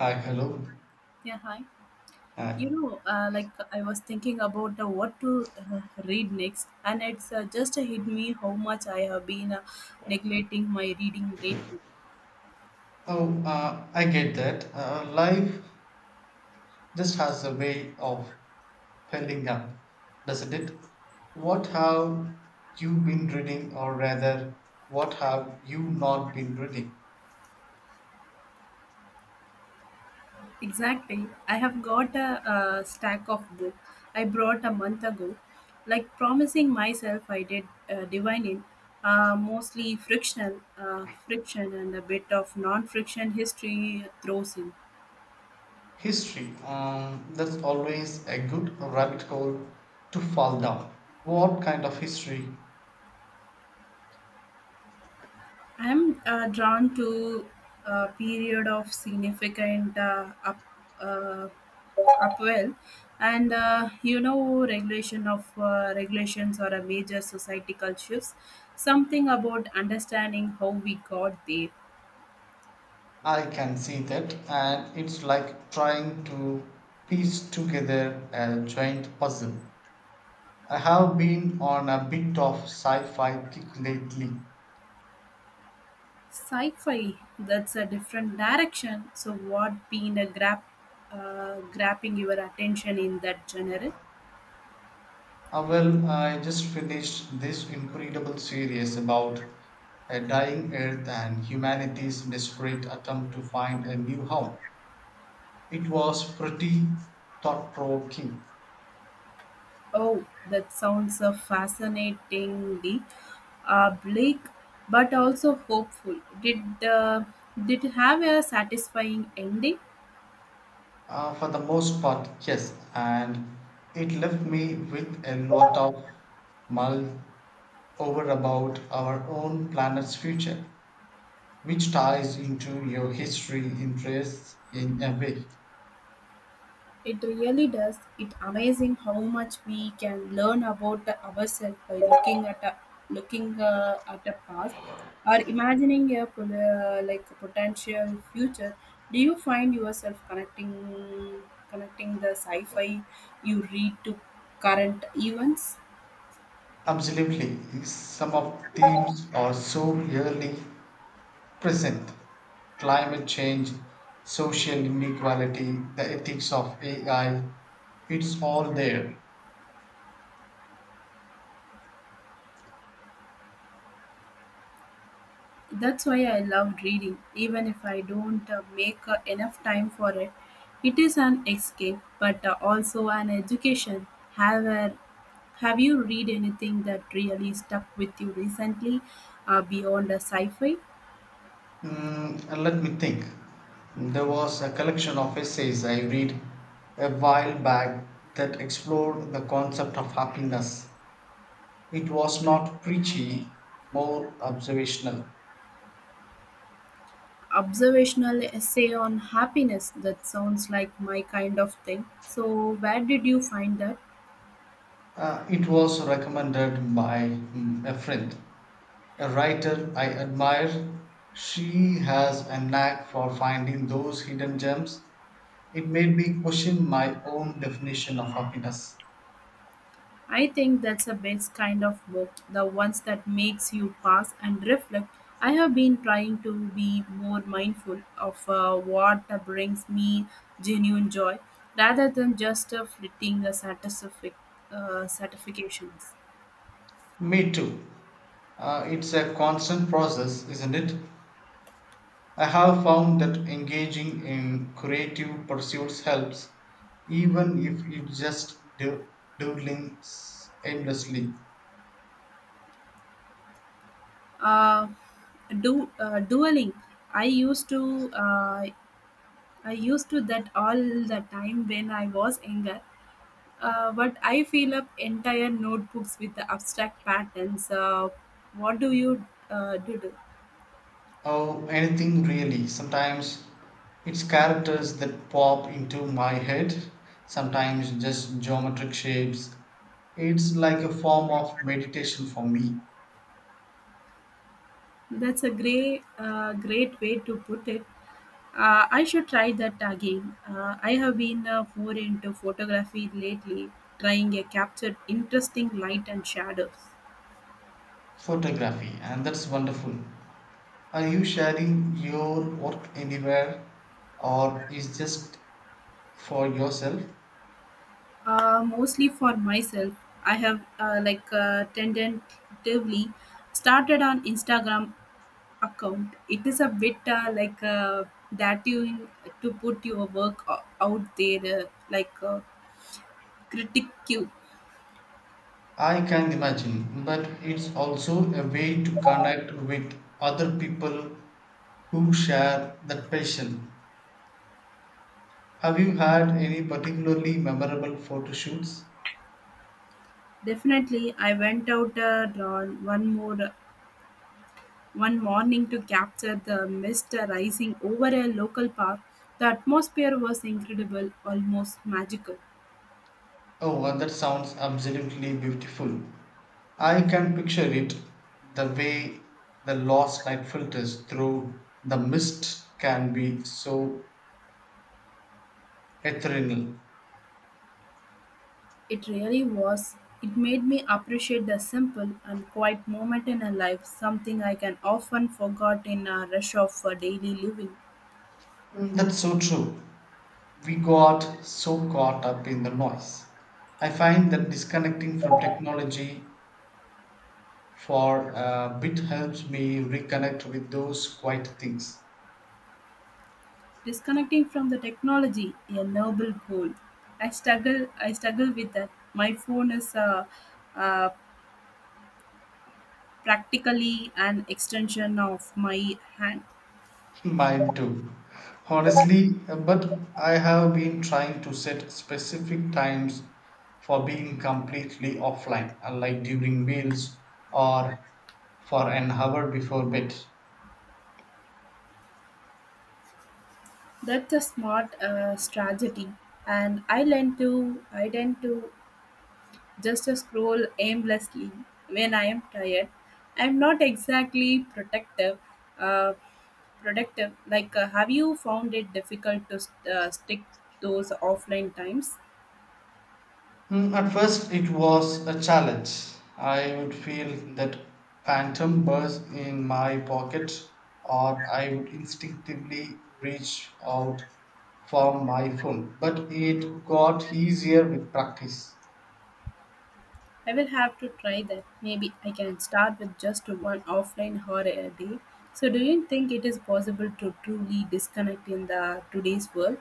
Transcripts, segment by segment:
Hi, hello. Yeah, hi. Hi. Like I was thinking about what to read next, and it's just hit me how much I have been neglecting my reading lately. Oh, I get that. Life just has a way of pending up, doesn't it? What have you been reading, or rather, what have you not been reading? Exactly. I have got a stack of book I brought a month ago, like promising myself I did divine in, mostly frictional, friction, and a bit of non-friction history throws in. History. That's always a good rabbit hole to fall down. What kind of history? I'm drawn to a period of significant uh, upwell, and regulation of regulations or a major societal shifts. Something about understanding how we got there. I can see that, and it's like trying to piece together a giant puzzle. I have been on a bit of sci-fi kick lately. Sci-fi, that's a different direction. So, what been grabbing your attention in that genre? Well, I just finished this incredible series about a dying Earth and humanity's desperate attempt to find a new home. It was pretty thought-provoking. Oh, that sounds a fascinatingly bleak, but also hopeful. Did it have a satisfying ending? For the most part, yes, and it left me with a lot of mull over about our own planet's future, which ties into your history interests in a way. It really does. It's amazing how much we can learn about ourselves by looking at a past or imagining a like a potential future. Do you find yourself connecting the sci-fi you read to current events? Absolutely, some of themes are so clearly present: climate change, social inequality, the ethics of AI, it's all there. That's why I love reading, even if I don't make enough time for it. It is an escape, but also an education. Have a, Have you read anything that really stuck with you recently, beyond a sci-fi Mm, let me think. There was a collection of essays I read a while back that explored the concept of happiness. It was not preachy, more observational. observational essay on happiness? That sounds like my kind of thing. So, where did you find that? It was recommended by a friend, a writer I admire. She has a knack for finding those hidden gems. It made me question my own definition of happiness. I think that's the best kind of book, the ones that makes you pause and reflect. I have been trying to be more mindful of what brings me genuine joy rather than just fleeting satisfactions. Me too. It's a constant process, isn't it? I have found that engaging in creative pursuits helps, even if it's just doodling endlessly. Uh, do dueling I used to I used to that all the time when I was younger. But I fill up entire notebooks with the abstract patterns. What do you do? Oh, anything really. Sometimes it's characters that pop into my head, sometimes just geometric shapes. It's like a form of meditation for me. That's a great way to put it. I should try that again. I have been more into photography lately, trying to capture interesting light and shadows. Photography, and that's wonderful. Are you sharing your work anywhere or is just for yourself? Mostly for myself. I have tentatively started on Instagram account it is a bit that you in, to put your work out there like uh, critic you I can imagine, but it's also a way to connect with other people who share that passion. Have you had any particularly memorable photo shoots? definitely I went out on one more one morning to capture the mist rising over a local park. The atmosphere was incredible, almost magical. Oh, well, that sounds absolutely beautiful. I can picture it, the way the lost light filters through the mist can be so ethereal. It really was. It made me appreciate the simple and quiet moment in a life, something I can often forget in a rush of daily living. Mm, that's so true. We got so caught up in the noise. I find that disconnecting from technology for a bit helps me reconnect with those quiet things. Disconnecting from the technology, a noble goal. I struggle with that. My phone is uh, practically an extension of my hand. Mine too. Honestly, but I have been trying to set specific times for being completely offline, like during meals or for an hour before bed. That's a smart strategy, and I tend to just scroll aimlessly when I am tired. I'm not exactly protective. Uh, productive like have you found it difficult to stick those offline times. Mm, at first, it was a challenge. I would feel that phantom burst in my pocket, or I would instinctively reach out for my phone. But it got easier with practice. I will have to try that. Maybe I can start with just one offline hour a day. So, do you think it is possible to truly disconnect in the today's world?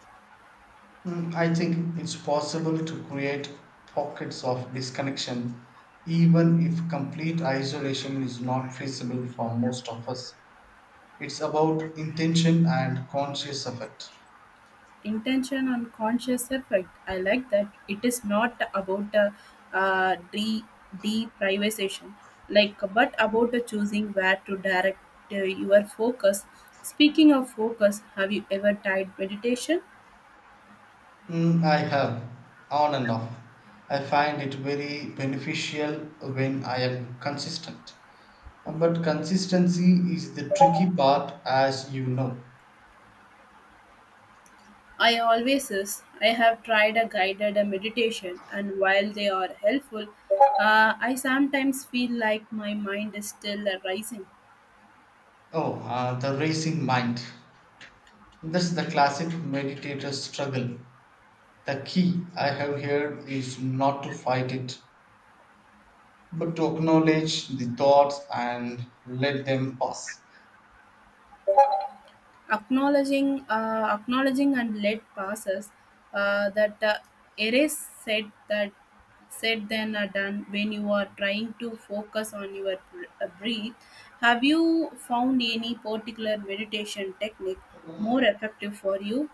Mm, I think it's possible to create pockets of disconnection, even if complete isolation is not feasible for most of us. It's about intention and conscious effort. Intention and conscious effect. I like that. It is not about uh, de- deprivation, like, but about a choosing where to direct your focus. Speaking of focus, have you ever tried meditation? Mm, I have, on and off. I find it very beneficial when I am consistent. But consistency is the tricky part, as you know. I always is. I have tried a guided meditation, and while they are helpful, I sometimes feel like my mind is still rising. Oh, the racing mind. That's the classic meditator struggle. The key I have here is not to fight it, but to acknowledge the thoughts and let them pass. Acknowledging, and let passes that erase said that said then are done when you are trying to focus on your breath. Have you found any particular meditation technique more effective for you?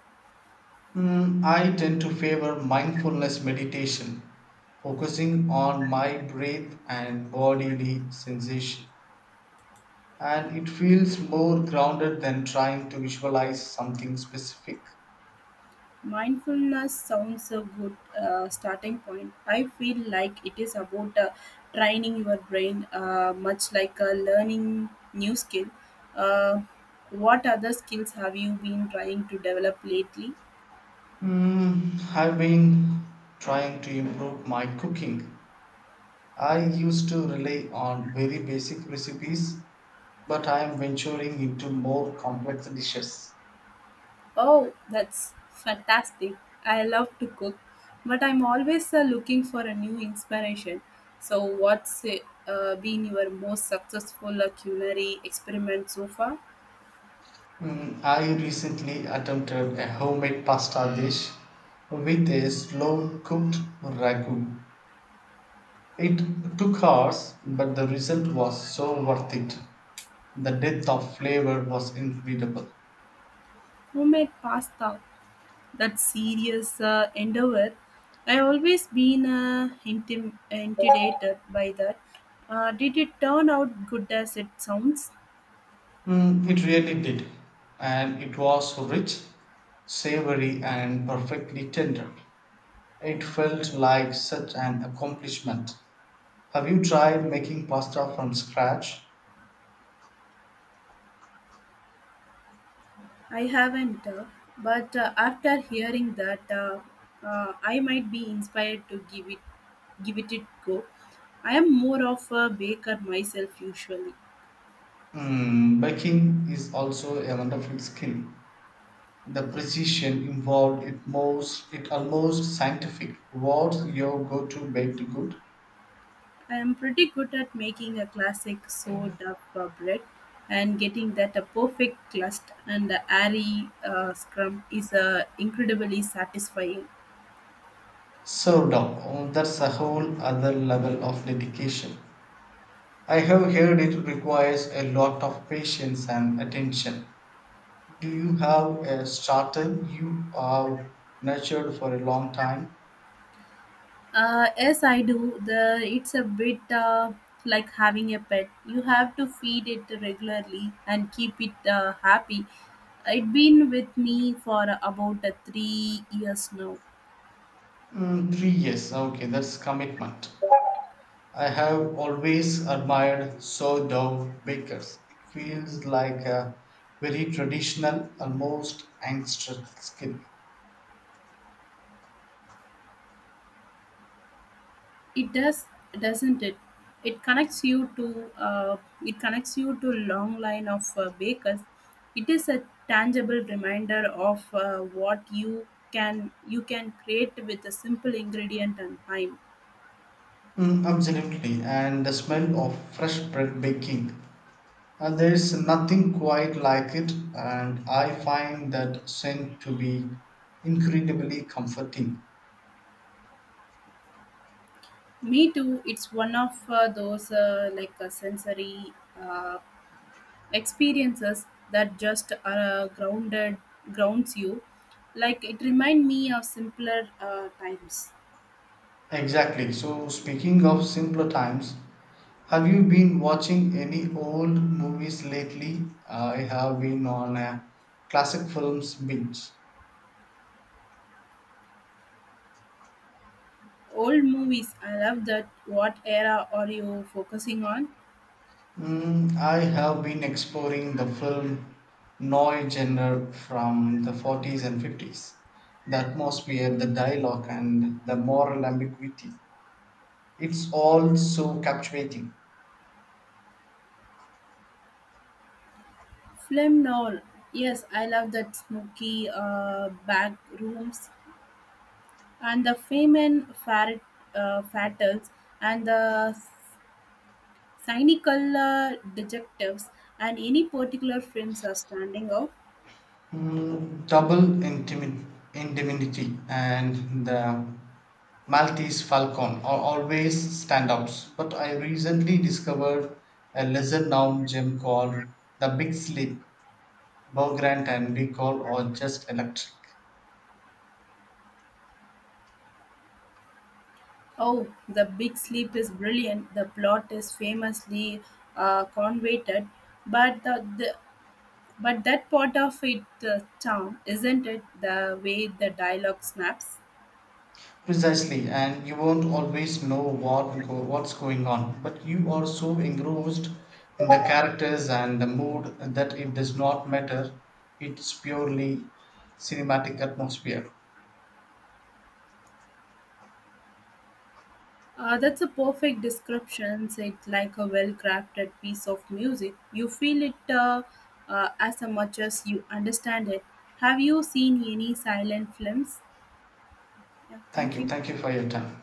Mm, I tend to favor mindfulness meditation, focusing on my breath and bodily sensation. And it feels more grounded than trying to visualize something specific. Mindfulness sounds a good starting point. I feel like it is about training your brain, much like learning new skill. Uh, what other skills have you been trying to develop lately? Mm, I've been trying to improve my cooking. I used to rely on very basic recipes, but I am venturing into more complex dishes. Oh, that's fantastic. I love to cook, but I'm always looking for a new inspiration. So, what's been your most successful culinary experiment so far? Mm, I recently attempted a homemade pasta dish with a slow cooked ragu. It took hours, but the result was so worth it. The depth of flavor was incredible. Homemade pasta. That serious endeavor. I always been intimidated by that. Did it turn out good as it sounds? Mm, it really did, and it was rich, savory, and perfectly tender. It felt like such an accomplishment. Have you tried making pasta from scratch? I haven't, but after hearing that, I might be inspired to give it a go. I am more of a baker myself usually. Mm, baking is also a wonderful skill. The precision involved it most it almost scientific. What's your go-to baked good? I am pretty good at making a classic soda sourdough bread, and getting that a perfect crust and the airy scrum is incredibly satisfying. Sourdough. Oh, that's a whole other level of dedication. I have heard it requires a lot of patience and attention. Do you have a starter you have nurtured for a long time? Yes, I do. The it's a bit like having a pet. You have to feed it regularly and keep it happy. It's been with me for about 3 years now. Mm, 3 years. Okay, that's commitment. I have always admired sourdough bakers. It feels like a very traditional, almost ancestral skill. It does, doesn't it? It connects you to long line of bakers. It is a tangible reminder of what you can create with a simple ingredient and time. Mm, absolutely, and the smell of fresh bread baking. And there is nothing quite like it, and I find that scent to be incredibly comforting. Me too. It's one of those sensory uh, experiences that just grounded grounds you. Like it remind me of simpler times. Exactly. So, speaking of simpler times, have you been watching any old movies lately? I have been on a classic films binge. Old movies, I love that. What era are you focusing on? Mm, I have been exploring the film noir genre from the 40s and 50s. The atmosphere, the dialogue, and the moral ambiguity. It's all so captivating. Film noir. Yes, I love that smoky back rooms and the fame and fatals and the cynical detectives and any particular films are standing out. Mm, indemni- indemnity and the Maltese Falcon are always stand ups, but I recently discovered a lesser known gem called the Big Sleep. Bow Grant and Recall are just electric. Oh, The Big Sleep is brilliant. The plot is famously convoluted, but the But that part of it, the charm, isn't it? The way the dialogue snaps. Precisely, and you won't always know what go, what's going on, but you are so engrossed in the characters and the mood that it does not matter. It's purely cinematic atmosphere. That's a perfect description. It's like a well-crafted piece of music. You feel it as much as you understand it. Have you seen any silent films? Yeah, Thank thank you. you. Thank you for your time.